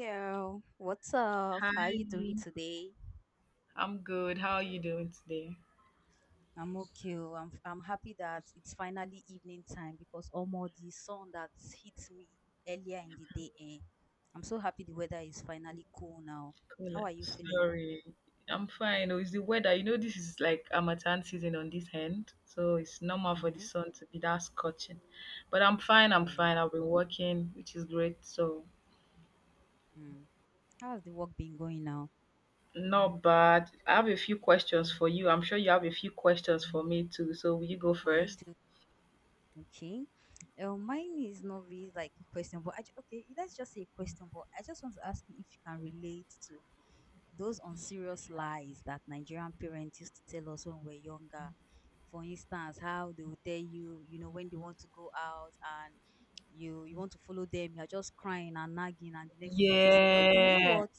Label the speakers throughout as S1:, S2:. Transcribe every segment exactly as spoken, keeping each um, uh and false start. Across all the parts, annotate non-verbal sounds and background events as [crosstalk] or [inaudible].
S1: Yeah, what's up? How are you doing
S2: Hi,
S1: today?
S2: I'm good. How are you doing today?
S1: I'm okay. Oh, I'm I'm happy that it's finally evening time because almost the sun that hit me earlier in the day. Eh, I'm so happy the weather is finally cool now.
S2: Cool.
S1: How are you feeling?
S2: Sorry, I'm fine. Oh, it's the weather. You know, this is like Amatan season on this end, so it's normal for the
S1: Mm-hmm.
S2: sun to be that scorching. But I'm fine. I'm fine.
S1: Yeah.
S2: I've been working, which is great. So
S1: Hmm. How has the work been going now?
S2: not bad. I have a few questions for you. I'm sure you have a few questions for me too. So will you go
S1: How you
S2: first?
S1: doing? Okay. Uh, mine is not really like a question, but I, ju- okay, let's just say a question. But I just want to ask you if you can relate to those unserious lies that Nigerian parents used to tell us when we we're younger. For instance, how they will tell you, you know, when they want to go out and you you want to follow them. You're just crying and nagging, and the next thing they'll just say that, okay, you know
S2: Yeah,
S1: what,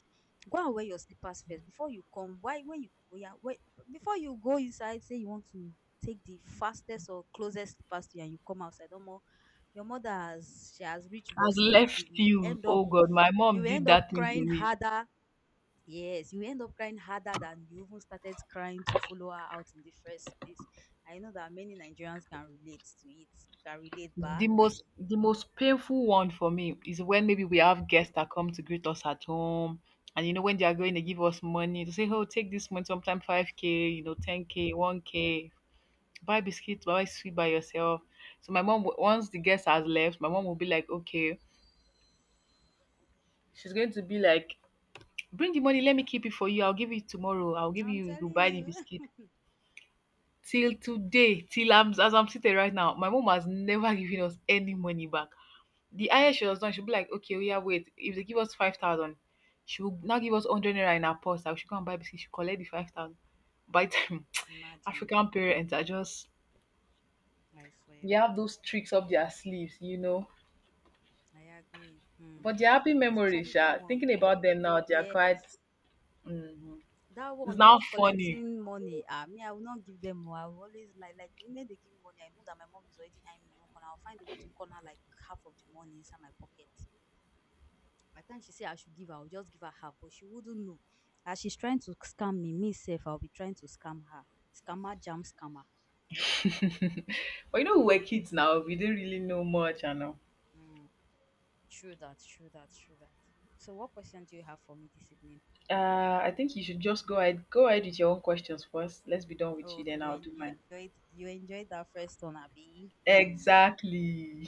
S1: go and wear your slippers first before you come. Why when you we are wait, before you go inside, say you want to take the fastest or closest slippers to you and you come outside, almost your mother has she has reached bus
S2: has
S1: stop. You
S2: left
S1: will
S2: you.
S1: end up
S2: Oh God, my
S1: you
S2: mom
S1: will
S2: did
S1: end up
S2: that thing to
S1: crying
S2: me.
S1: harder. Yes, you end up crying harder than you even started crying to follow her out in the first place. I know that many Nigerians can relate to it. You can relate, but
S2: The most the most painful one for me is when maybe we have guests that come to greet us at home. And you know, when they are going, to give us money to say, "Oh, take this money, sometimes five k, you know, ten k, one k, buy biscuits, buy sweet by yourself." So my mom, wo- once the guest has left, my mom will be like, "Okay," she's going to be like, "Bring the money, let me keep it for you. I'll give you tomorrow. I'll
S1: [laughs]
S2: give
S1: I'm
S2: you, you
S1: telling
S2: buy the biscuit."
S1: you,
S2: Till today, till I'm, as I'm sitting right now, my mom has never [laughs] given us any money back. The highest she was done, she'll be like, "Okay, oh, yeah, wait." If they give us five thousand, she will now give us one hundred naira in her purse. I should go and buy biscuit. She collect the five thousand. By the time
S1: [laughs]
S2: [laughs]
S1: imagine.
S2: African parents are just,
S1: I swear.
S2: they have those tricks up their sleeves, you know.
S1: I agree. Hmm.
S2: But the happy
S1: Especially
S2: memories,
S1: that
S2: yeah.
S1: one.
S2: Thinking about them now, they're quite.
S1: Yes,
S2: Mhm.
S1: that
S2: It's
S1: one of
S2: now funny.
S1: collecting money. Ah, me, I will not give them more. I will always like like the moment they give me money, I know that my mom is already eyeing me in one corner. I'll find a way to corner like half of the money inside my pocket. By the time she said I should give her, I will just give her half, but she wouldn't know. As she's trying to scam me, me safe, I'll be trying to scam her. Scammer jam scammer.
S2: [laughs] But you know, we were kids now. We didn't really know much, I know.
S1: Mm, true that, true that, true that. So what question do you have for me this evening?
S2: Uh, I think you should just go ahead. Go ahead with your own questions first. Let's be done with you,
S1: Oh,
S2: then
S1: you
S2: I'll
S1: en-
S2: do
S1: you
S2: mine.
S1: enjoyed you enjoyed that first one, Abby. Hmm.
S2: Exactly.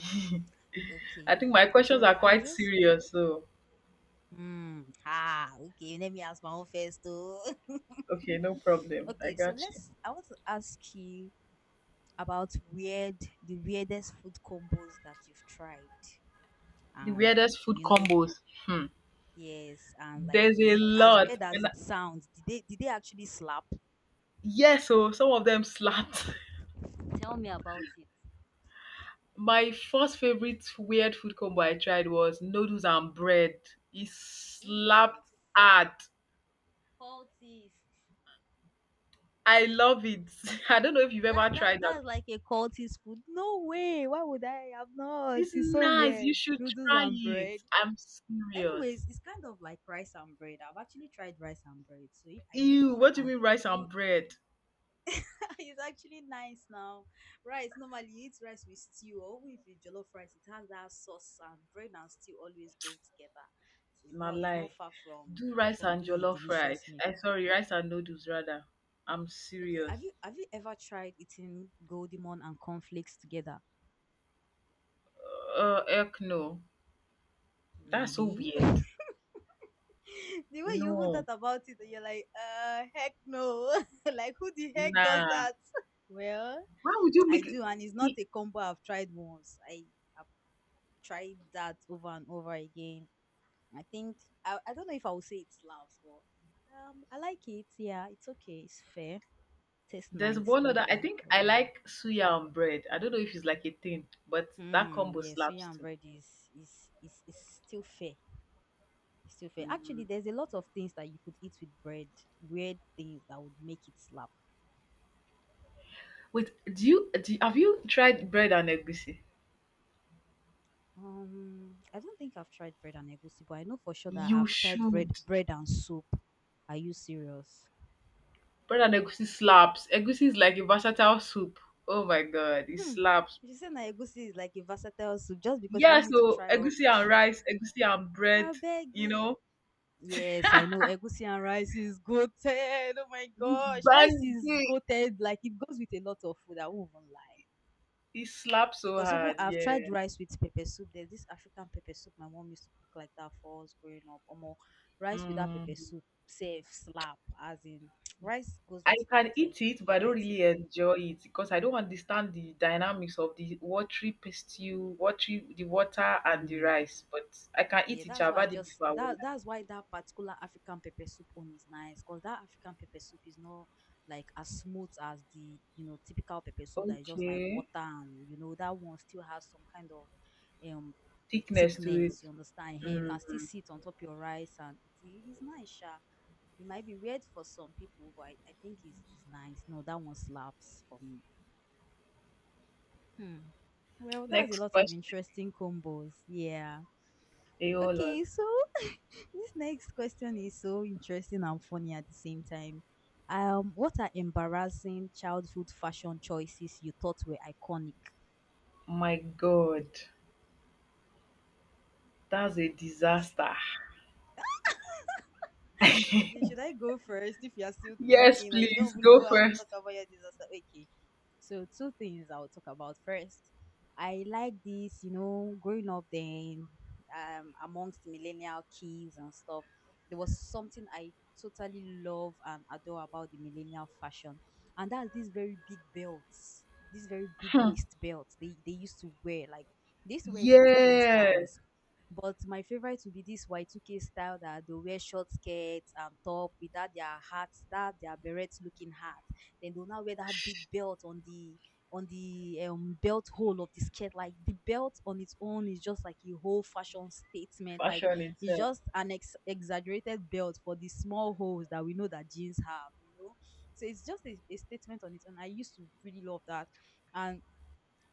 S2: I
S1: Okay.
S2: think my questions
S1: So
S2: are
S1: I
S2: quite
S1: just
S2: serious, so
S1: hmm. Ah. Okay. Let me ask my own first, though.
S2: okay, no
S1: [laughs]
S2: problem. I
S1: Okay. So
S2: got you.
S1: let's. I want to ask you about weird the weirdest food combos that you've tried.
S2: The
S1: And,
S2: weirdest food
S1: you know,
S2: combos. Hmm.
S1: yes, and like,
S2: There's a
S1: did, as
S2: lot,
S1: weird as
S2: and
S1: it sounds, did they did they actually slap?
S2: yes, so some of them slapped. [laughs]
S1: Tell me about it.
S2: My first favorite weird food combo I tried was noodles and bread. It
S1: Jesus.
S2: slapped hard.
S1: Cultist.
S2: I love it. [laughs] I don't know if you've
S1: that
S2: ever
S1: that
S2: tried that.
S1: that's like a cultist food. No way, why would I have not?
S2: It's
S1: It's so
S2: nice. You
S1: weird,
S2: should
S1: noodles
S2: try
S1: and
S2: it.
S1: bread.
S2: I'm serious.
S1: Anyways, it's kind of like rice and bread. I've actually tried rice and bread, so i I believe
S2: Ew,
S1: if I
S2: what do you
S1: can.
S2: mean rice and bread?
S1: [laughs] It's actually nice now. Rice, normally you eat rice with stew, or even if you jollof rice, it has that sauce, and bread and stew always go together. So it's
S2: Na
S1: not it's
S2: lie.
S1: not far from
S2: Do rice
S1: from
S2: and
S1: being a
S2: jollof
S1: delicious
S2: rice,
S1: meal.
S2: I sorry, rice and noodles rather. I'm
S1: Okay,
S2: serious.
S1: have you have you ever tried eating golden goldimon and cornflakes together?
S2: Uh heck no. That's so
S1: Really?
S2: weird.
S1: [laughs] The way you even thought
S2: No,
S1: about it, you're like, uh, heck no. [laughs] Like, who the heck does
S2: nah,
S1: that? [laughs] Well,
S2: why would you
S1: I
S2: make it?
S1: do, and it's not
S2: e-
S1: a combo I've tried once. I have tried that over and over again. I think I, I don't know if I will say it's loud, but um, I like it. Yeah, it's okay. It's fair. Tastes
S2: there's
S1: nice.
S2: one
S1: Just
S2: other I
S1: there.
S2: think
S1: Just
S2: I
S1: normal.
S2: like, suya and bread. I don't know if it's like a thing, but that
S1: Mm,
S2: combo
S1: yeah,
S2: slaps
S1: suya and
S2: too.
S1: bread is is is is still fair. It's still fair. Actually,
S2: Mm.
S1: there's a lot of things that you could eat with bread. Weird things that would make it slap.
S2: Wait, do you do, you- have you tried bread and egusi?
S1: Um, I don't think I've tried bread and egusi, but I know for sure that
S2: You
S1: I've tried bread
S2: should.
S1: bread and soup. Are you serious?
S2: Bread and egusi slaps. Egusi is like a versatile soup. Oh my god, it
S1: Hmm.
S2: slaps.
S1: You say na egusi is like a versatile soup just because you
S2: Yeah,
S1: want me to
S2: so
S1: try
S2: egusi and
S1: rubbish.
S2: rice, egusi and bread,
S1: I beg
S2: you
S1: you.
S2: know,
S1: Yes, I know egusi and rice is goated. Oh my
S2: it's
S1: gosh, rice is
S2: banging.
S1: goated. Like, it goes with a lot of food. I won't even lie.
S2: It slaps so
S1: Because even
S2: hard,
S1: I've tried
S2: yeah.
S1: rice with pepper soup. There's this African pepper soup my mom used to cook like that for us growing up. Or more rice without pepper
S2: Mm.
S1: soup, safe slap. As in, [tsk] rice goes
S2: I
S1: with a
S2: can
S1: lot of
S2: eat it, but I don't
S1: variety.
S2: really enjoy it because I don't understand the dynamics of the watery pastel, watery, the water and the rice. But I can
S1: Yeah,
S2: eat it.
S1: that's
S2: I've
S1: why I
S2: had it
S1: just
S2: before. I won't
S1: that that's why that particular African pepper soup one is nice, because that African pepper soup is not like as smooth as the, you know typical
S2: lie.
S1: pepper soup that is just like
S2: Okay,
S1: water, and you know that one still has some kind of um
S2: thickness to it.
S1: thickness. You understand? Here you
S2: Mm.
S1: can still see it on top your rice, and it is nice, sha. It might be weird for some people, but I, I think it's, it's nice. No, that one slaps for me. Hmm. Well, that's a
S2: Next
S1: lot of
S2: question.
S1: interesting combos. Yeah.
S2: A whole lot.
S1: Okay, so this next question is so interesting and funny at the same time. Um, what are embarrassing childhood fashion choices you thought were iconic?
S2: My God, that's a disaster.
S1: Okay, should I go first if you are still
S2: Yes,
S1: thinking, or you
S2: please
S1: don't even
S2: go
S1: know how to
S2: first.
S1: talk about your disaster? Okay, so two things I'll talk about first. I like this, you know, growing up then, um, amongst millennial kids and stuff, there was something I totally love and adore about the millennial fashion, and that's these very big belts, these very big waist belts they, they used to wear. Like, they used to wear it in different
S2: Yeah,
S1: styles, but my favorite would be this Y two K style that they wear short skirts and top with that their hats, that their beret looking hat. Then they'll now wear that big belt on the on the um, belt hole of the skirt. Like, the belt on its own is just like a whole fashion statement. Like,
S2: fashion
S1: it's
S2: itself.
S1: just an ex- exaggerated belt for the small holes that we know that jeans have, you know. So it's just a, a statement on its own. I used to really love that. And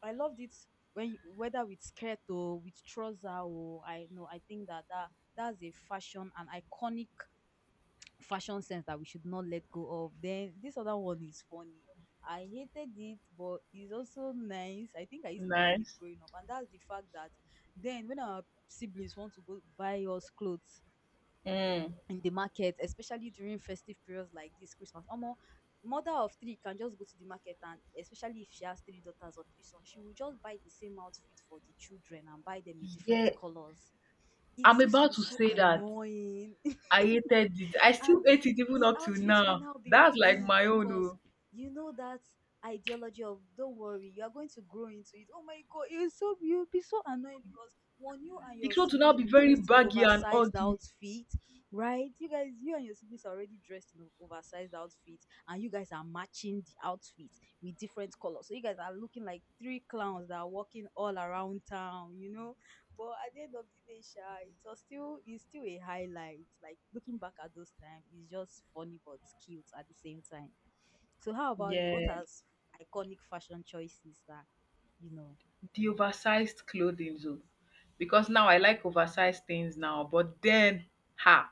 S1: I loved it when you- whether with skirt or with trouser, or I know, I think that that that's a fashion, an iconic fashion sense that we should not let go of. Then this other one is funny. I hated it, but it's also nice. I think I used to like it
S2: Nice.
S1: growing up, and that's the fact that then, when our siblings want to go buy us clothes
S2: Mm.
S1: in the market, especially during festive periods like this Christmas. Omo, mother of three can just go to the market, and especially if she has three daughters or three sons, she will just buy the same outfit for the children and buy them in different
S2: Yeah,
S1: colors. It
S2: I'm
S1: used to
S2: about
S1: be
S2: to
S1: so
S2: say that.
S1: annoying,
S2: I hated it. I still
S1: and
S2: hate
S1: then
S2: it even
S1: the
S2: up till
S1: outfit will
S2: now.
S1: now be
S2: That's like
S1: big
S2: my own.
S1: because,
S2: Oh.
S1: you know, that ideology of, don't worry, you are going to grow into it. Oh my god, you're so you'll be so annoying because, one, you and
S2: The
S1: your
S2: clothes will now
S1: siblings will
S2: be
S1: be
S2: very
S1: dressed in
S2: baggy and
S1: oversized
S2: ugly.
S1: outfit. Right, you guys you and your siblings are already dressed in o- oversized outfit, and you guys are matching the outfit with different colors, so you guys are looking like three clowns that are walking all around town, you know. But at the end of the day, sha, it was still it's still a highlight. Like, looking back at those times, it's just funny but cute at the same time. So how about you? What
S2: Yeah.
S1: are s- iconic fashion choices that you know?
S2: The oversized clothing, though. Because now I like oversized things now. But then, ha,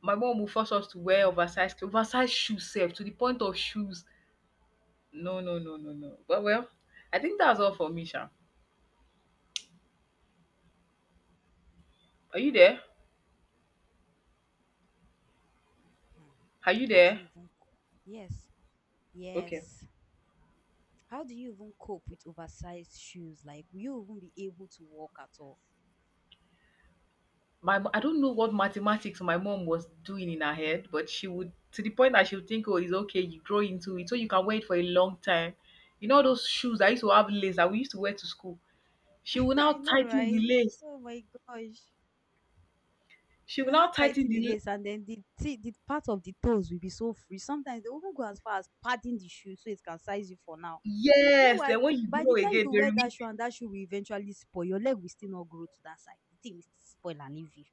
S2: my mom will force us to wear oversized clothes, oversized shoes, self, to the point of shoes. No,
S1: Wow.
S2: no, no, no, no. But well, I think that's all for me, Sha. Are you there?
S1: Hmm.
S2: Are you
S1: How do
S2: there?
S1: you even co- yes,
S2: Okay.
S1: yes. How do you even cope with oversized shoes? Like, will you even be able to walk at all?
S2: my mo- I don't know what mathematics my mom was doing in her head, but she would, to the point that she would think, oh, it's okay, you grow into it, so you can wear it for a long time. You know those shoes I used to have lace that we used to wear to school. She will
S1: [laughs]
S2: now
S1: I know,
S2: tighten the
S1: right?
S2: lace.
S1: Oh my gosh.
S2: She will
S1: You're
S2: now
S1: not
S2: tighten
S1: tightening the
S2: the la-
S1: lace, and then the t- the part of the toes will be so free. Sometimes they even go as far as padding the shoe so it can size you for now.
S2: Yes.
S1: Meanwhile,
S2: Then when you
S1: by
S2: grow
S1: the time
S2: again,
S1: you
S2: they
S1: wear
S2: remove
S1: that shoe,
S2: it.
S1: and that shoe will eventually spoil, your leg will still not grow to that size. The thing will still spoil and leave you.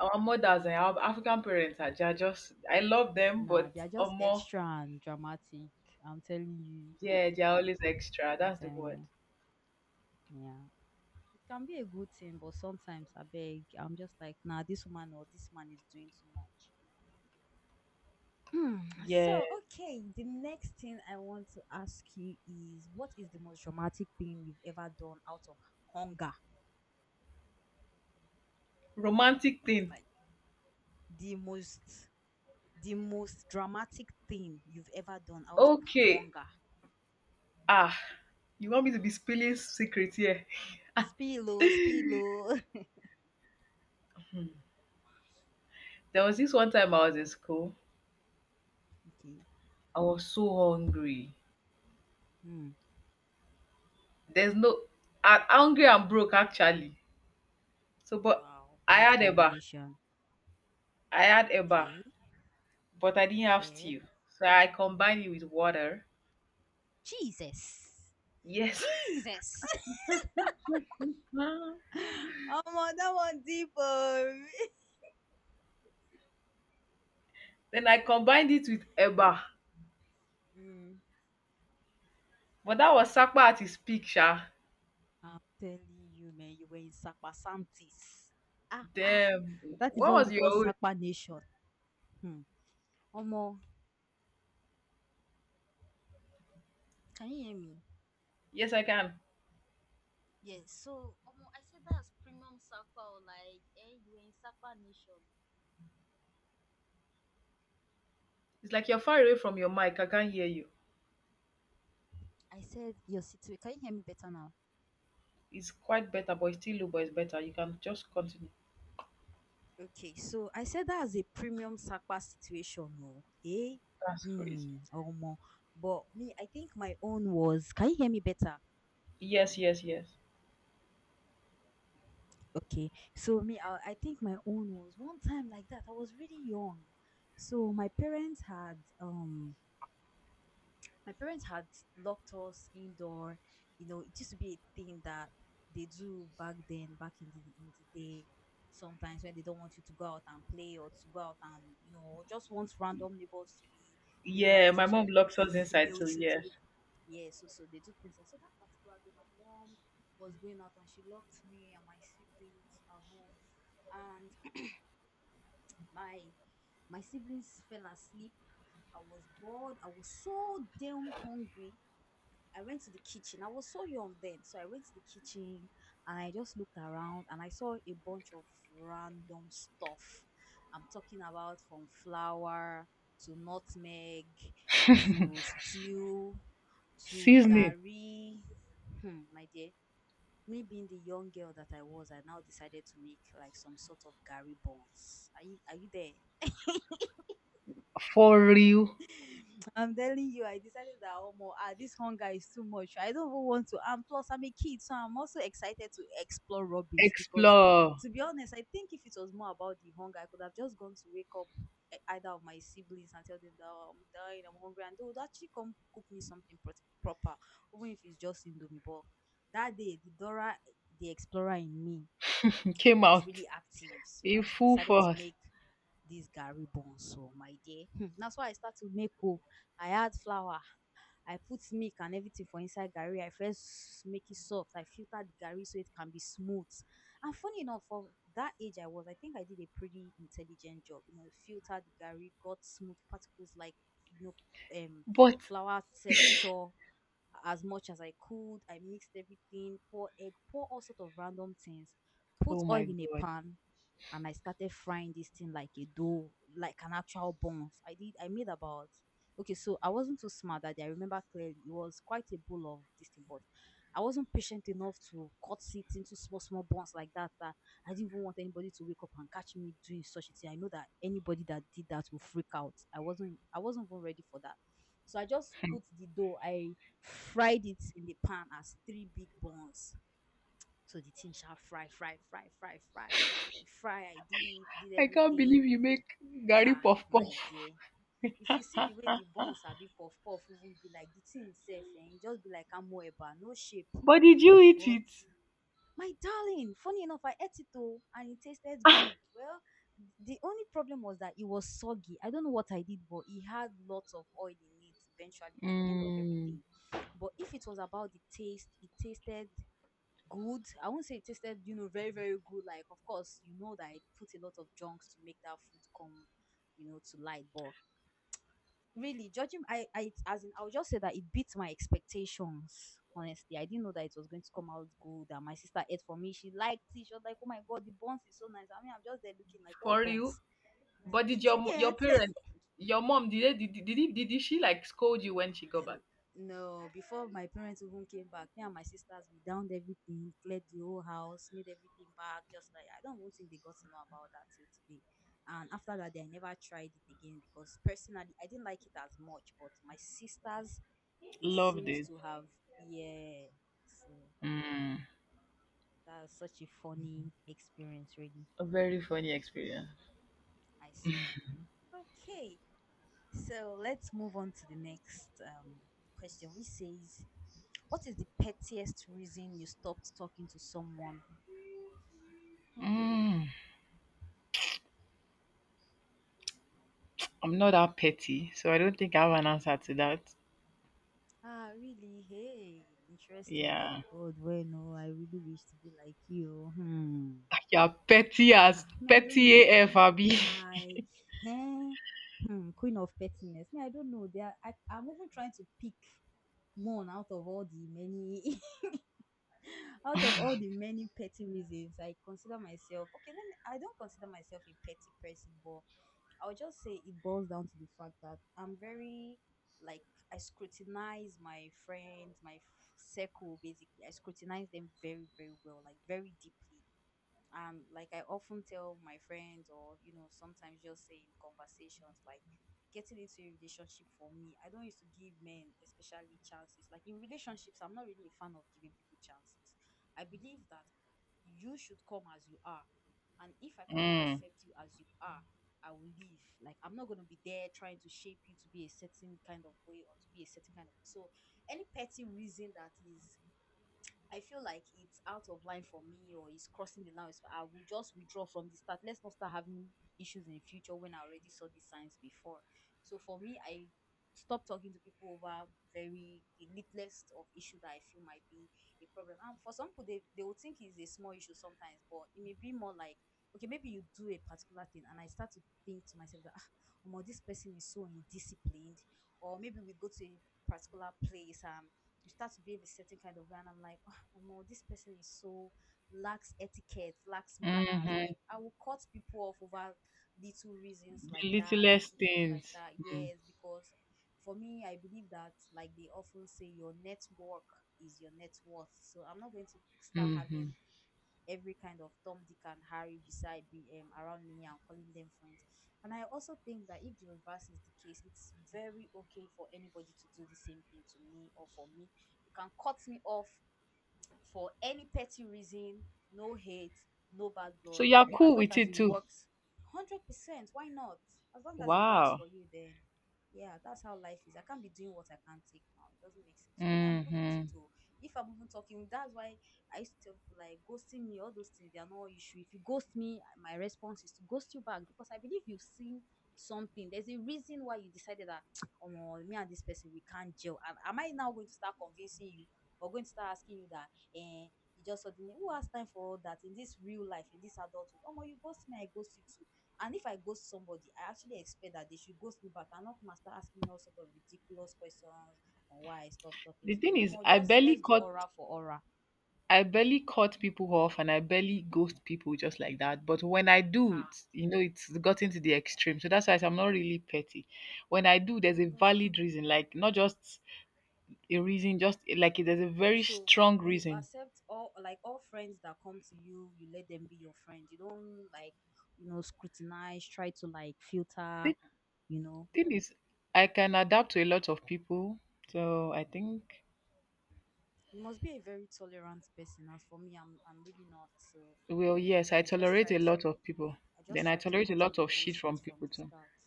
S2: Our mothers and our African parents are ju- just, I love them,
S1: Nah,
S2: but
S1: they are just
S2: um, more
S1: extra and dramatic. I'm telling you.
S2: yeah, they're always extra.
S1: I'm
S2: That's the
S1: telling
S2: word.
S1: you. Yeah. It can be a good thing, but sometimes I beg, I'm just like, nah, this woman or this man is doing too much. Hmm.
S2: Yeah,
S1: So, okay, the next thing I want to ask you is, what is the most traumatic thing you've ever done out of hunger?
S2: romantic thing.
S1: Like, the most the most dramatic thing you've ever done out of
S2: Okay.
S1: hunger.
S2: Ah, you want me to be spilling secrets here?
S1: Spilo, spilo. [laughs]
S2: There was this one time I was in school.
S1: Okay.
S2: I was so hungry.
S1: Hmm.
S2: There's no, I'm hungry and broke actually. So, but
S1: Wow,
S2: I
S1: bad
S2: had eba.
S1: combination.
S2: I had eba.
S1: Okay.
S2: But I didn't have
S1: Fair.
S2: stew. So I combined it with water.
S1: Jesus.
S2: Yes. [laughs]
S1: Jesus.
S2: Ah,
S1: [laughs] Oh, that one deep. Oh.
S2: then I combined it with eba.
S1: [laughs]
S2: But that was Sakpa at his peak, sha.
S1: I'm telling you, man, you were in Sakpasantis. Ah, ah,
S2: Damn.
S1: that is
S2: What
S1: what
S2: was
S1: we
S2: your
S1: call
S2: own?
S1: Sakpa Nation. Hmm. Omo, can you hear me?
S2: Yes, I can.
S1: Yes, so omo, I said that's premium Sakpa, or like, eh, you were in Sakpa Nation.
S2: It's like you're far away from your mic. I can't hear you.
S1: I said your situation. Can you hear me better now?
S2: It's quite better, but it's still low, but it's better. You can just continue.
S1: Okay, so I said that's a premium Sakpa situation, no? Eh?
S2: That's crazy.
S1: Hmm, Omo. But me, I think my own was. Can you hear me better?
S2: Yes, yes, yes.
S1: Okay, so me, I, I think my own was one time like that. I was really young, so my parents had um my parents had locked us indoor. You know, it used to be a thing that they do back then, back in the in the day. Sometimes when they don't want you to go out and play or to go out and you know just want random neighbors to be, you know,
S2: Yeah, my mom
S1: especially being
S2: locks us inside
S1: female
S2: too.
S1: children,
S2: Yes.
S1: yeah, so so they do things, like. So that particular day, my mom was going out and she locked me and my siblings at home, and my my siblings fell asleep. I was bored. I was so damn hungry. I went to the kitchen. I was so young then, so I went to the kitchen and I just looked around and I saw a bunch of random stuff. I'm talking about from flour to nutmeg to stew to
S2: Seasoning
S1: gari. Hmm, my dear, me being the young girl that I was, I now decided to make like some sort of gari buns. Are you are you there?
S2: for real.
S1: I'm telling you, I decided that oh more ah, this hunger is too much. I don't even want to. And plus, I'm a kid, so I'm also excited to explore rubbish because,
S2: Explore
S1: to be honest, I think if it was more about the hunger, I could have just gone to wake up e- either of my siblings and tell them that oh, I'm dying, I'm hungry, and they would actually come cook me something pro- proper, even if it's just indomie. But that day, the Dora, eh, the explorer in me
S2: [laughs] came
S1: was
S2: out
S1: really active. So
S2: in
S1: I s-
S2: full
S1: decided to
S2: force.
S1: make this gari buns. So my dear, hmm, that's why I started to make. Oh, I add flour, I put milk and everything for inside gari. I first make it soft. I filtered the gari so it can be smooth. And funny enough, for that age I was, I think I did a pretty intelligent job. You know, filtered the gari, got smooth particles like you know, um,
S2: But
S1: flour texture as much as I could. I mixed everything, pour egg, pour all sort of random things, put
S2: oh my
S1: oil in a
S2: god,
S1: pan, and I started frying this thing like a dough, like an actual buns. I did, I made about, okay, so I wasn't too smart that day. I remember clearly it was quite a bowl of this thing, but I wasn't patient enough to cut it into small, small buns like that. That I didn't even want anybody to wake up and catch me doing such a thing. I know that anybody that did that will freak out. I wasn't, I wasn't even ready for that. So I just put the dough, I fried it in the pan as three big buns so the thing shall fry, fry, fry, fry, fry. It fry, I did it, did
S2: I can't believe
S1: everything.
S2: you make Gary
S1: Ha,
S2: puff
S1: my
S2: puff.
S1: dear. If you see the way the bones are be puff puff, even be like the thing itself, and it just be like amoeba, no shape.
S2: But did you eat
S1: But
S2: it?
S1: my darling, funny enough, I ate it all and it tasted good. Well, the only problem was that it was soggy. I don't know what I did, but it had lots of oil in it eventually at the end of
S2: Mm.
S1: everything. But if it was about the taste, it tasted good. I won't say it tasted, you know, very, very good. Like, of course, you know that I put a lot of junks to make that food come, you know, to light. But really, judging, I, I, as in, I'll just say that it beat my expectations. Honestly, I didn't know that it was going to come out good. And my sister ate for me. She liked it. She was like, "Oh my god, the buns is so nice." I mean, I'm just there looking like, "What
S2: For
S1: buns?"
S2: you. But did
S1: Did
S2: your
S1: you
S2: your
S1: get?
S2: parents, your mom, did they, did, did, did, did she like scold you when she got back?
S1: um, no, before my parents even came back, me and my sisters, we downed everything, cleared the whole house, made everything back. Just like I don't even think they got to know about that till today. And after that, I never tried it again because personally, I didn't like it as much. But my sisters, they
S2: Loved
S1: seemed
S2: it.
S1: to have, yeah. So
S2: Mm.
S1: that's such a funny experience, really.
S2: A very funny experience.
S1: I swear. Okay. So let's move on to the next um, question, which says, what is the pettiest reason you stopped talking to someone?
S2: Mm, I'm not that petty, so I don't think I have an answer to that.
S1: Ah, really? Hey, interesting. Oh,
S2: Yeah.
S1: God, well, no, I really wish to be like you. Hmm.
S2: You're petty as
S1: Ah, me, I don't
S2: petty
S1: know.
S2: A F, Abby. [laughs]
S1: Like, eh? Hmm, queen of pettiness. Me, I don't know. They are, I, I'm even trying to pick one out of all the many [laughs] out of all the many petty reasons I consider myself. Okay, let me, I don't consider myself a petty person, but I'll just say it boils down to the fact that I'm very, like, I scrutinize my friends, my f- circle basically. I scrutinize them very, very well, like very deeply, um, like I often tell my friends, or, you know, sometimes just say in conversations like getting into a relationship, for me, I don't used to give men especially chances. Like, in relationships, I'm not really a fan of giving people chances. I believe that you should come as you are, and if I cannot
S2: Mm,
S1: accept you as you are, I will leave. Like, I'm not going to be there trying to shape you to be a certain kind of way or to be a certain kind of, so any petty reason that is, I feel like it's out of line for me or it's crossing the line, so I will just withdraw from the start. Let's not start having issues in the future when I already saw these signs before. So for me, I stop talking to people over very the littlest of issue that I feel might be a problem. And for some people, they, they will think it's a small issue sometimes, but it may be more like, okay, maybe you do a particular thing, and I start to think to myself that, oh, this person is so indisciplined, or maybe we go to a particular place and you start to behave a certain kind of way, and I'm like, oh, this person is so lacks etiquette, lacks manners.
S2: hmm
S1: Like, I will cut people off over little reasons
S2: The
S1: like that,
S2: littlest
S1: little things like
S2: things.
S1: that. Yes, because for me, I believe that, like they often say, your network is your net worth. So I'm not going to start
S2: Mm, hmm
S1: having every kind of Tom, Dick, and Harry beside me, um around me and calling them friends. And I also think that if the reverse is the case, it's very okay for anybody to do the same thing to me or for me. You can cut me off for any petty reason, no hate, no bad
S2: So
S1: blood.
S2: you're
S1: As
S2: cool
S1: long
S2: with
S1: as
S2: it
S1: it
S2: too.
S1: works, one hundred percent. Why not? As long as it works
S2: Wow.
S1: for you, then yeah, that's how life is. I can't be doing what I can't take now. It doesn't make sense. So me, I'm
S2: mm
S1: good with
S2: hmm
S1: it too. If I'm even talking, that's why I used to tell people like ghosting me, all those things, they are no issue. If you ghost me, my response is to ghost you back because I believe you've seen something. There's a reason why you decided that [tsk] oh no, me and this person we can't gel. And am I now going to start convincing you or going to start asking you that, eh, you just suddenly, who has time for all that in this real life, in this adulthood? Oh my, you ghost me, I ghost you too. And if I ghost somebody, I actually expect that they should ghost me back and not come start asking me all sort of ridiculous questions on why I stopped talking
S2: The
S1: to
S2: thing
S1: them.
S2: is,
S1: Or
S2: I
S1: just
S2: barely
S1: let's do
S2: caught
S1: aura for aura.
S2: I barely cut people off and I barely ghost people just like that. But when I do,
S1: Ha.
S2: it's, you know, it's gotten to the extreme. So that's why I say I'm not really petty. When I do, there's
S1: I
S2: a valid
S1: understand.
S2: reason, like not just a reason, just like there's a very
S1: So
S2: strong
S1: you
S2: reason.
S1: accept all like all friends that come to you, you let them be your friend. You don't, like, you know, scrutinize, try to like filter,
S2: The
S1: you know.
S2: thing is, I can adapt to a lot of people. So I think,
S1: You must be a very tolerant person. As for me, I'm I'm really not. So
S2: well, yes, I
S1: I just
S2: tolerate
S1: try
S2: a
S1: to
S2: lot of people.
S1: I
S2: Then
S1: just
S2: I
S1: try to
S2: tolerate a
S1: cut on
S2: lot
S1: the
S2: of shit from
S1: bullshit from
S2: people
S1: the
S2: too.
S1: start.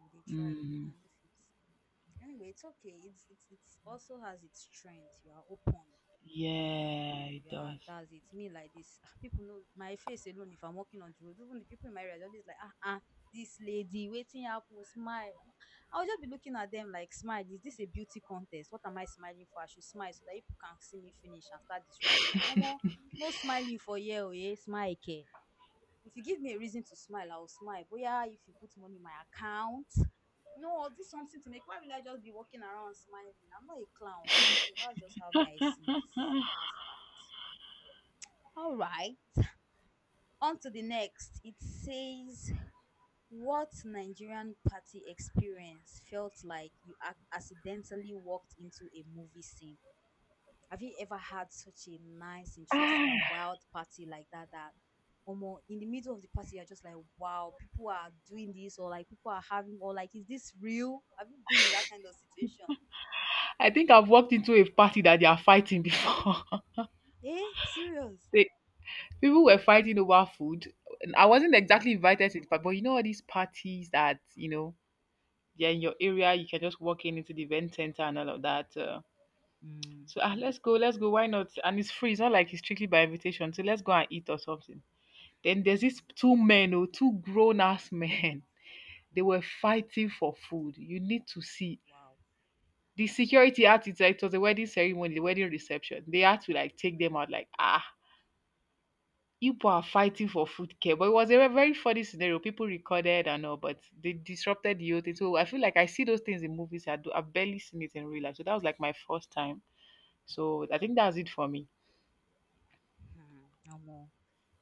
S1: Uh, you dey try you,
S2: Mm.
S1: I know fit. Anyway, it's okay. It's it's it's also has its strength. You are open, you know.
S2: Yeah, it
S1: You are,
S2: does.
S1: that's it. Me like this. [laughs] People know my face alone if I'm walking on the road. Even the people in my area they're always like ah ah, this lady waiting happen smile. I'll just be looking at them like, smile. Is this a beauty contest? What am I smiling for? I should smile so that people can see me finish and start disrespecting. No more, no smiling for yeah, oh yeah, smile care. If you give me a reason to smile, I'll smile. But yeah, if you put money in my account, no, or do something to make why will I just be walking around smiling? I'm not a clown now. So that's just how me I see it.
S2: [sighs]
S1: That's fact. All right. On to the next. It says what Nigerian party experience felt like you ac- accidentally walked into a movie scene. Have you ever had such a nice, interesting, and
S2: Ah,
S1: wild party like that? That almost in the middle of the party, you're just like, wow, people are doing this, or like people are having, or like, is this real? Have you been in that kind of situation?
S2: I think I've walked into a party that they are fighting before.
S1: Eh, serious?
S2: [laughs] they, People were fighting over food. And I wasn't
S1: Mm,
S2: exactly invited to the party, but you know all these parties that, you know, they're in your area, you can just walk in into the event center and all of that. Uh,
S1: mm,
S2: so ah, let's go, let's go, why not? And it's free, it's not like it's strictly by invitation. So let's go and eat or something. Then there's these
S1: mm,
S2: two men, oh, two grown ass men. [laughs] They
S1: mm,
S2: were fighting for food. You need to see
S1: wow.
S2: the security had to, like, it was a wedding ceremony, the wedding reception. They had to like take them out, like ah, people are
S1: Mm,
S2: fighting for food care. But it was a ve- very funny scenario. People recorded and all, but they disrupted the whole thing. So I feel like I see those things in movies. I do. I've barely seen it in real life. So that was like my first time. So I think that's it for me.
S1: mm, no more.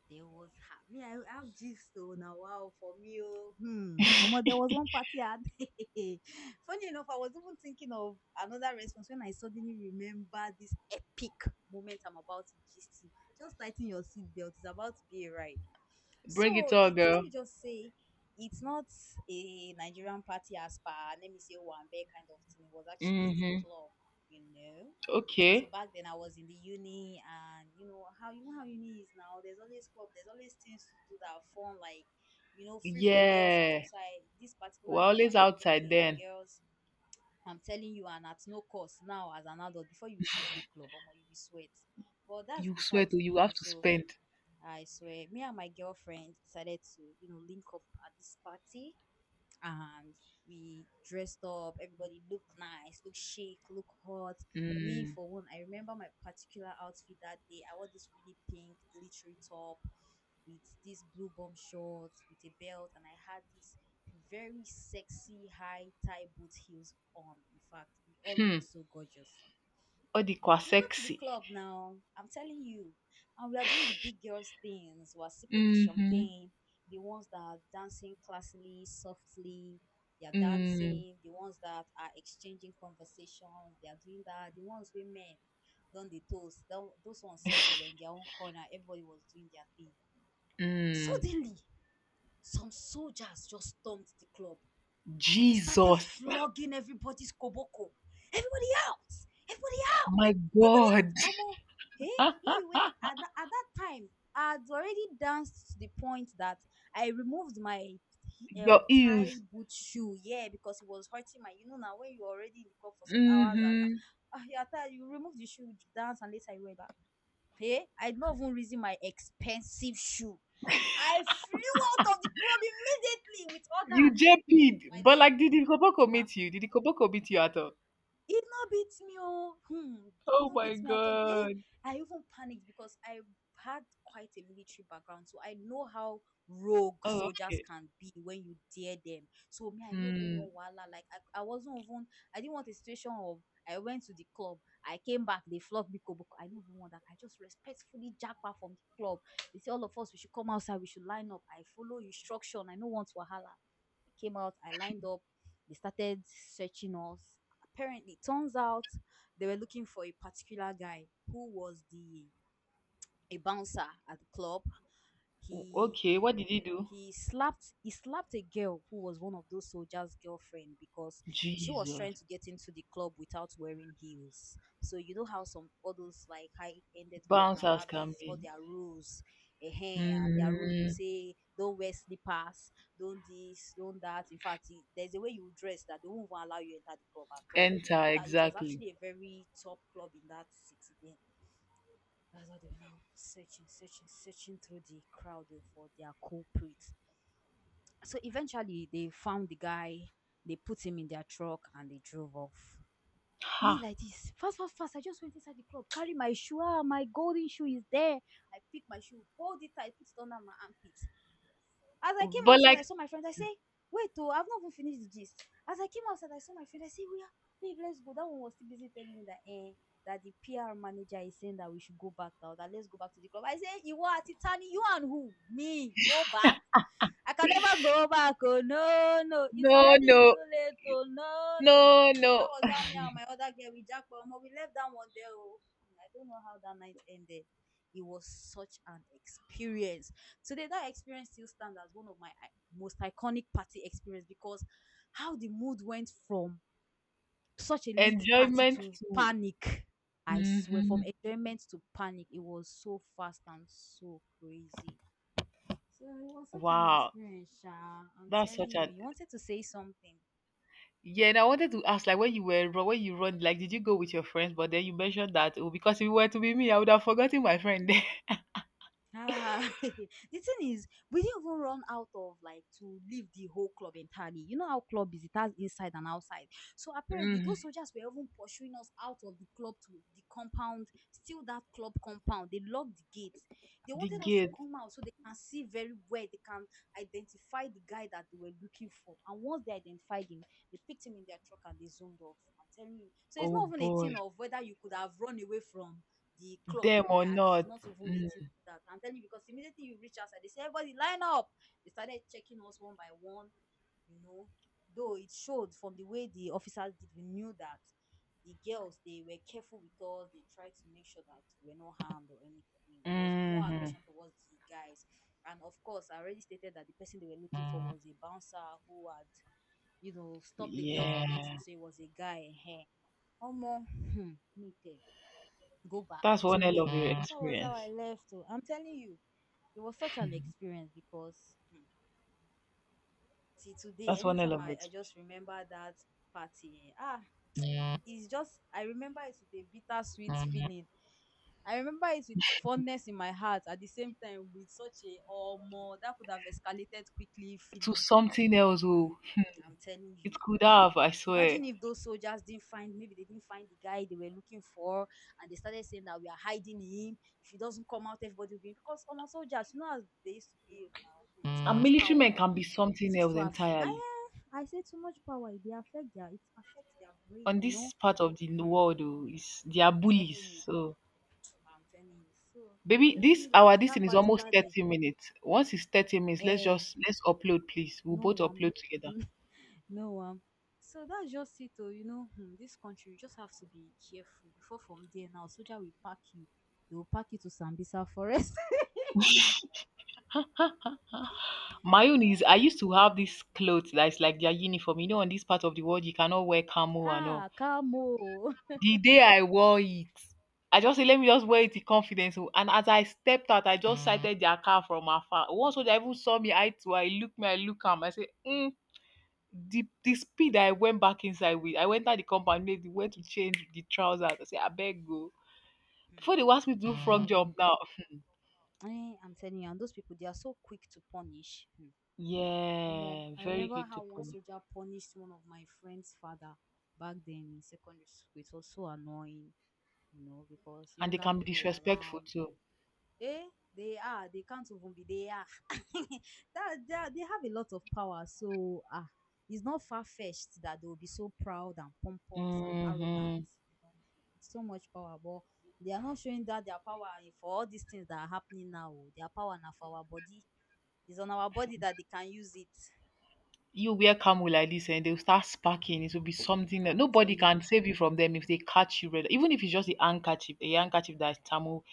S1: There was ha- me. I have gist oh now. Wow, for me oh, hmm.
S2: [laughs]
S1: Omo, there was one party I had. [laughs] Funny enough, I was even thinking of another response when I suddenly remember this epic moment I'm about to gist you. Just tighten your seatbelt. It's about to be a ride.
S2: Bring it
S1: So
S2: all,
S1: it's let
S2: girl.
S1: me just say. It's not a Nigerian party as per let me say one bear kind of thing. It was actually a
S2: Mm-hmm.
S1: club, you know. So
S2: Okay.
S1: back then I was in the uni and you know how you know how uni is now. There's always club, there's always things to do that are fun, like you know, free for girls and stuff.
S2: Yeah.
S1: So I this particular
S2: We're
S1: day
S2: always
S1: I'm like,
S2: outside
S1: okay,
S2: then.
S1: girls, I'm telling you, and at no cost now as an adult, before you see free club, or you be sweat. But that's
S2: You swear
S1: besides
S2: to,
S1: the
S2: you have
S1: point.
S2: to
S1: So
S2: spend.
S1: I swear, me and my girlfriend decided to, you know, link up at this party and we dressed up. Everybody looked nice, looked chic, looked hot. Me
S2: Mm.
S1: for one, I remember my particular outfit that day. I wore this really pink glittery top with this blue bomb shorts with a belt, and I had this very sexy high tie boot heels on. In fact, we all
S2: Hmm.
S1: looked so gorgeous.
S2: Or the kwa
S1: We go to the
S2: sexy.
S1: club now. I'm telling you. And we are doing the big girls things. We're sipping the
S2: Mm-hmm.
S1: champagne. The ones that are dancing classily, softly. They are
S2: Mm.
S1: dancing. The ones that are exchanging conversations. They are doing that. The ones with men done the toast. tho- Those ones said they were in their own corner. Everybody was doing their thing.
S2: Mm.
S1: Suddenly, some soldiers just stormed the club, started
S2: Jesus.
S1: flogging everybody's koboko. Everybody out! Everybody
S2: [laughs] My
S1: Everybody
S2: God.
S1: else, omo, hey,
S2: [laughs]
S1: me wey at that at that time I had already danced to the point that I removed my
S2: Your
S1: um tie
S2: heels.
S1: boot shoe, yeah, because it was hurting my. You know now when you're already in the club for some hours and
S2: Mm-hmm.
S1: ah, you are you remove the shoe, dance, and later you wear back. Hey, I not even reason my expensive shoe. I flew out of the club immediately with
S2: You
S1: others. Hmm,
S2: J P'd,
S1: my
S2: but
S1: dear,
S2: like, did the koboko
S1: ah,
S2: meet you? Did the koboko meet you at all?
S1: it not beats me oh. Hmm. It
S2: Oh
S1: not
S2: my
S1: beats me at all. Eh,
S2: god.
S1: I even panicked because I had quite a military background, so I know how rogue
S2: Oh,
S1: soldiers
S2: okay.
S1: can be when you dare them. So me, I no even
S2: Mm,
S1: want wahala. Like I, I wasn't even. I didn't want a situation of. I went to the club. I came back. They flogged me. Kobo. I don't even want that. I just respectfully jackpot from the club. They say all of us we should come outside. We should line up. I follow instruction. I no want wahala. I came out. I lined up. They started searching us apparently turns out they were looking for a particular guy who was the a bouncer at the club
S2: o-
S1: he
S2: okay, what did he do?
S1: he slapped he slapped a girl who was one of those soldiers' girlfriend because she was trying
S2: Jesus.
S1: to get into the club without wearing heels. So you know how some all those like high-ended club
S2: Bounce
S1: now
S2: house
S1: have
S2: can
S1: these all
S2: be.
S1: their rules, eh, and their rules will
S2: Mm,
S1: say don't wear slippers, don't this, don't that. In fact, it- there's a way you dress that they won't even allow you enter the club at all.
S2: enter,
S1: That it was
S2: exactly.
S1: actually a very top club in that city then that's what they were now searching, searching, searching through the crowd oh, for their culprit. So eventually they found the guy, they put him in their truck and they drove off. Me
S2: Ha.
S1: like this, fast, fast, fast. I just went inside the club, carry my shoe. Ah, my golden shoe is there. I pick my shoe, hold it tight, put it under my armpit. As I came
S2: But
S1: outside, I
S2: like,
S1: saw my friends. I say, wait, oh, I've not even finished the gist. As I came outside, I saw my friend. I say, we are, babe, let's go. That one was still busy telling me that, eh, that the P R manager is saying that we should go back now, that let's go back to the club. I say, you are Titani, you and who? Me, go back. I can never go back. Oh no, no, it's
S2: no,
S1: already
S2: no,
S1: too late. Oh no, no.
S2: no,
S1: Hmm. That
S2: no.
S1: was how me and my other girl we jacked, but um, we left that one there. Oh, hmm, I don't know how that night ended. It was such an experience. Today, that experience still stands as one of my i- most iconic party experience because how the mood went from such a lit party
S2: Enjoyment
S1: to
S2: to.
S1: panic. I swear, from
S2: Hmm.
S1: enjoyment to panic, it was so fast and so crazy. So it was such an
S2: Wow.
S1: experience, Sha. I'm
S2: That's
S1: telling
S2: such
S1: you,
S2: an
S1: you wanted to say something.
S2: Yeah, and I wanted to ask, like, when you were ru- when you run, like, did you go with your friends? But then you mentioned that oh, because if it were to be me, I would have forgotten my friend. [laughs]
S1: Ah, [laughs] the thing is, we didn't even run out of like to leave the whole club entirely. You know how club is; it has inside and outside. So apparently,
S2: Mm.
S1: those soldiers were even pursuing us out of the club to the compound, still that club compound. They locked the gates. They
S2: The
S1: wanted us to
S2: gate,
S1: come out so they can see very well. They can identify the guy that they were looking for. And once they identified him, they picked him in their truck and they zoomed off. I'm telling you. So it's
S2: oh
S1: not even a
S2: boy,
S1: thing of whether you could have run away from the club
S2: them or
S1: entirely. It's
S2: not.
S1: not even a
S2: Mm.
S1: thing that. I'm telling you, because immediately you reach outside, they say, everybody line up. They started checking us one by one, you know. Though it showed from the way the officers did, we knew that the girls, they were careful with us. They tried to make sure that we were not harmed or anything. It was more
S2: Mhm.
S1: aggression towards the guys. And of course, I already stated that the person they were looking for was a bouncer who had, you know, stopped the girl from
S2: Yeah,
S1: entering. So it was a guy. Hey, omo, hmm, me tell go back
S2: that's
S1: to
S2: one hell
S1: where
S2: of your
S1: that was how I
S2: experience.
S1: left oh. I'm telling you it was such an experience because hmm, see today
S2: That's one hell
S1: anytime
S2: of
S1: I,
S2: your
S1: I just remember that party eh, ah
S2: experience.
S1: it's just I remember it with a bittersweet feeling I remember it with fondness in my heart at the same time with such a oh more that could have escalated quickly
S2: To
S1: feeling
S2: something else,
S1: hmm,
S2: oh,
S1: I'm telling
S2: it
S1: you.
S2: could have, I swear.
S1: Imagine if those soldiers didn't find, maybe they didn't find the guy they were looking for, and they started saying that we are hiding him. If he doesn't come out, everybody will be because on our soldiers, you know, as they used to behave now, hmm, too
S2: And
S1: much
S2: military
S1: power.
S2: men can be
S1: It
S2: something
S1: used
S2: else
S1: to have. I
S2: entirely.
S1: I say too much power. It they affect their. It affects their brain.
S2: On
S1: You know.
S2: this part of the
S1: Hmm,
S2: world, oh, is they are
S1: I'm
S2: bullies.
S1: telling you.
S2: So
S1: I'm telling you. So
S2: baby, this
S1: me like
S2: our
S1: this
S2: this
S1: that
S2: thing is almost
S1: particular day.
S2: thirty minutes. Once it's thirty minutes, let's
S1: Eh,
S2: just let's upload, please. We'll
S1: no
S2: both
S1: one.
S2: upload together.
S1: No, um, so that's just it. Oh, you know, hmm, this country, you just have to be careful before from there now. Soldier will pack you, they will pack you to Sambisa Forest.
S2: My own is I used to have this
S1: [laughs]
S2: clothes that is like their uniform. You know, in this part of the world, you cannot wear camo and all.
S1: ha, come on.
S2: The day I wore it, I just said, let me just wear it in confidence. Oh. And as I stepped out, I just sighted their car from afar. One soldier even saw me eye to eye, look me, I look him. I say, mm. The, the speed I went back inside with, I went out the compound, made the way to change the trousers. I say, I beg go.
S1: Hmm,
S2: Before they will ask me to do
S1: you
S2: frog
S1: don't
S2: job
S1: want.
S2: now.
S1: Eh, I'm telling you, and those people, they are so quick to punish. Hmm. Omo,
S2: Yeah,
S1: I
S2: very
S1: remember
S2: quick to
S1: how one
S2: punish.
S1: soldier punished one of my friend's father back then in secondary school. It was so annoying, you know, because
S2: And they
S1: younger
S2: can be
S1: people were
S2: disrespectful
S1: around.
S2: too.
S1: Eh, they are. They can't even be. They are. [laughs] that, they, are- they have a lot of power. So ah, uh, it's not far fetched that they will be so proud and pompous and arrogant.
S2: Hmm.
S1: You know, it's so much power, but they are not showing that their power for all these things that are happening now. Oh. Their power now for our body. It's on our body that they can use it.
S2: You wear camel like this and they'll start sparking. It will be something that
S1: I'm
S2: nobody
S1: telling.
S2: can save you from them if they catch you. red- Even if it's just a handkerchief, a handkerchief that's Tamil,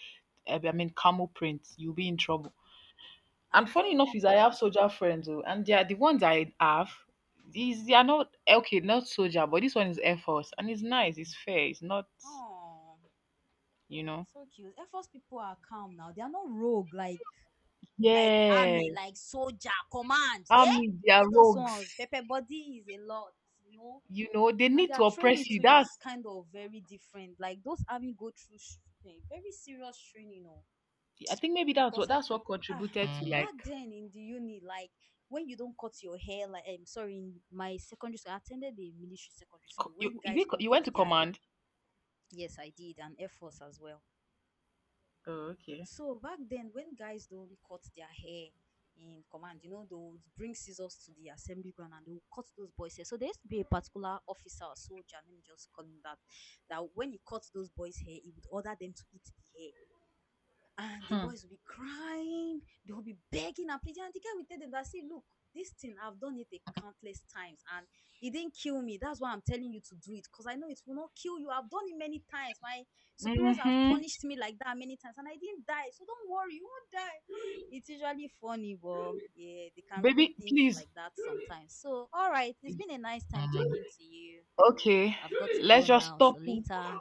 S2: eh, I mean, camel print, you'll be in trouble. And
S1: I'm
S2: funny
S1: telling
S2: enough is I
S1: you.
S2: have soldier friends, oh, and they are the ones I have, is they are not, okay, not soldier, but this one is Air Force. And it's nice, it's fair, it's not,
S1: Oh,
S2: you know.
S1: so cute. Air Force people are calm now. They are not rogue like like
S2: Yeah,
S1: army, like soldier, command, hey,
S2: Army, they are
S1: all those ones.
S2: rogues.
S1: Pepper body is a lot, you know,
S2: You know, they
S1: and
S2: need to
S1: their training
S2: oppress you.
S1: too
S2: That's
S1: is kind of very different. Like those army go through sh- eh, very serious training, you know,
S2: I think maybe that's
S1: because
S2: what
S1: I
S2: that's what
S1: ah
S2: contributed to
S1: back
S2: like
S1: then in the uni, like when you don't cut your hair, like I'm sorry, in my secondary school, I attended the military secondary
S2: co-
S1: school
S2: you
S1: when
S2: is
S1: guys
S2: it co-
S1: don't
S2: you
S1: cut
S2: went to
S1: their
S2: command.
S1: yes, I did, and Air Force as well.
S2: Oh, okay.
S1: So back then, when guys don't cut their hair in command, you know, they'll bring scissors to the assembly ground and they'll cut those boys' hair. So there used to be a particular officer or soldier, let me just call him that, that when he cut those boys' hair, he would order them to eat the hair and the
S2: Hmm.
S1: boys will be crying they will be begging and pleading and the guy will tell them that see look this thing I've done it a countless times and it didn't kill me that's why I'm telling you to do it because I know it will not kill you I've done it many times my superiors have
S2: Mm-hmm.
S1: punished me like that many times and I didn't die so don't worry you won't die it's usually funny but yeah they can really
S2: Baby,
S1: think
S2: please.
S1: like that sometimes. So all right, it's been a nice time talking to you.
S2: Okay.
S1: I've got to
S2: Let's
S1: go
S2: just
S1: now,
S2: stop
S1: so
S2: it.
S1: later.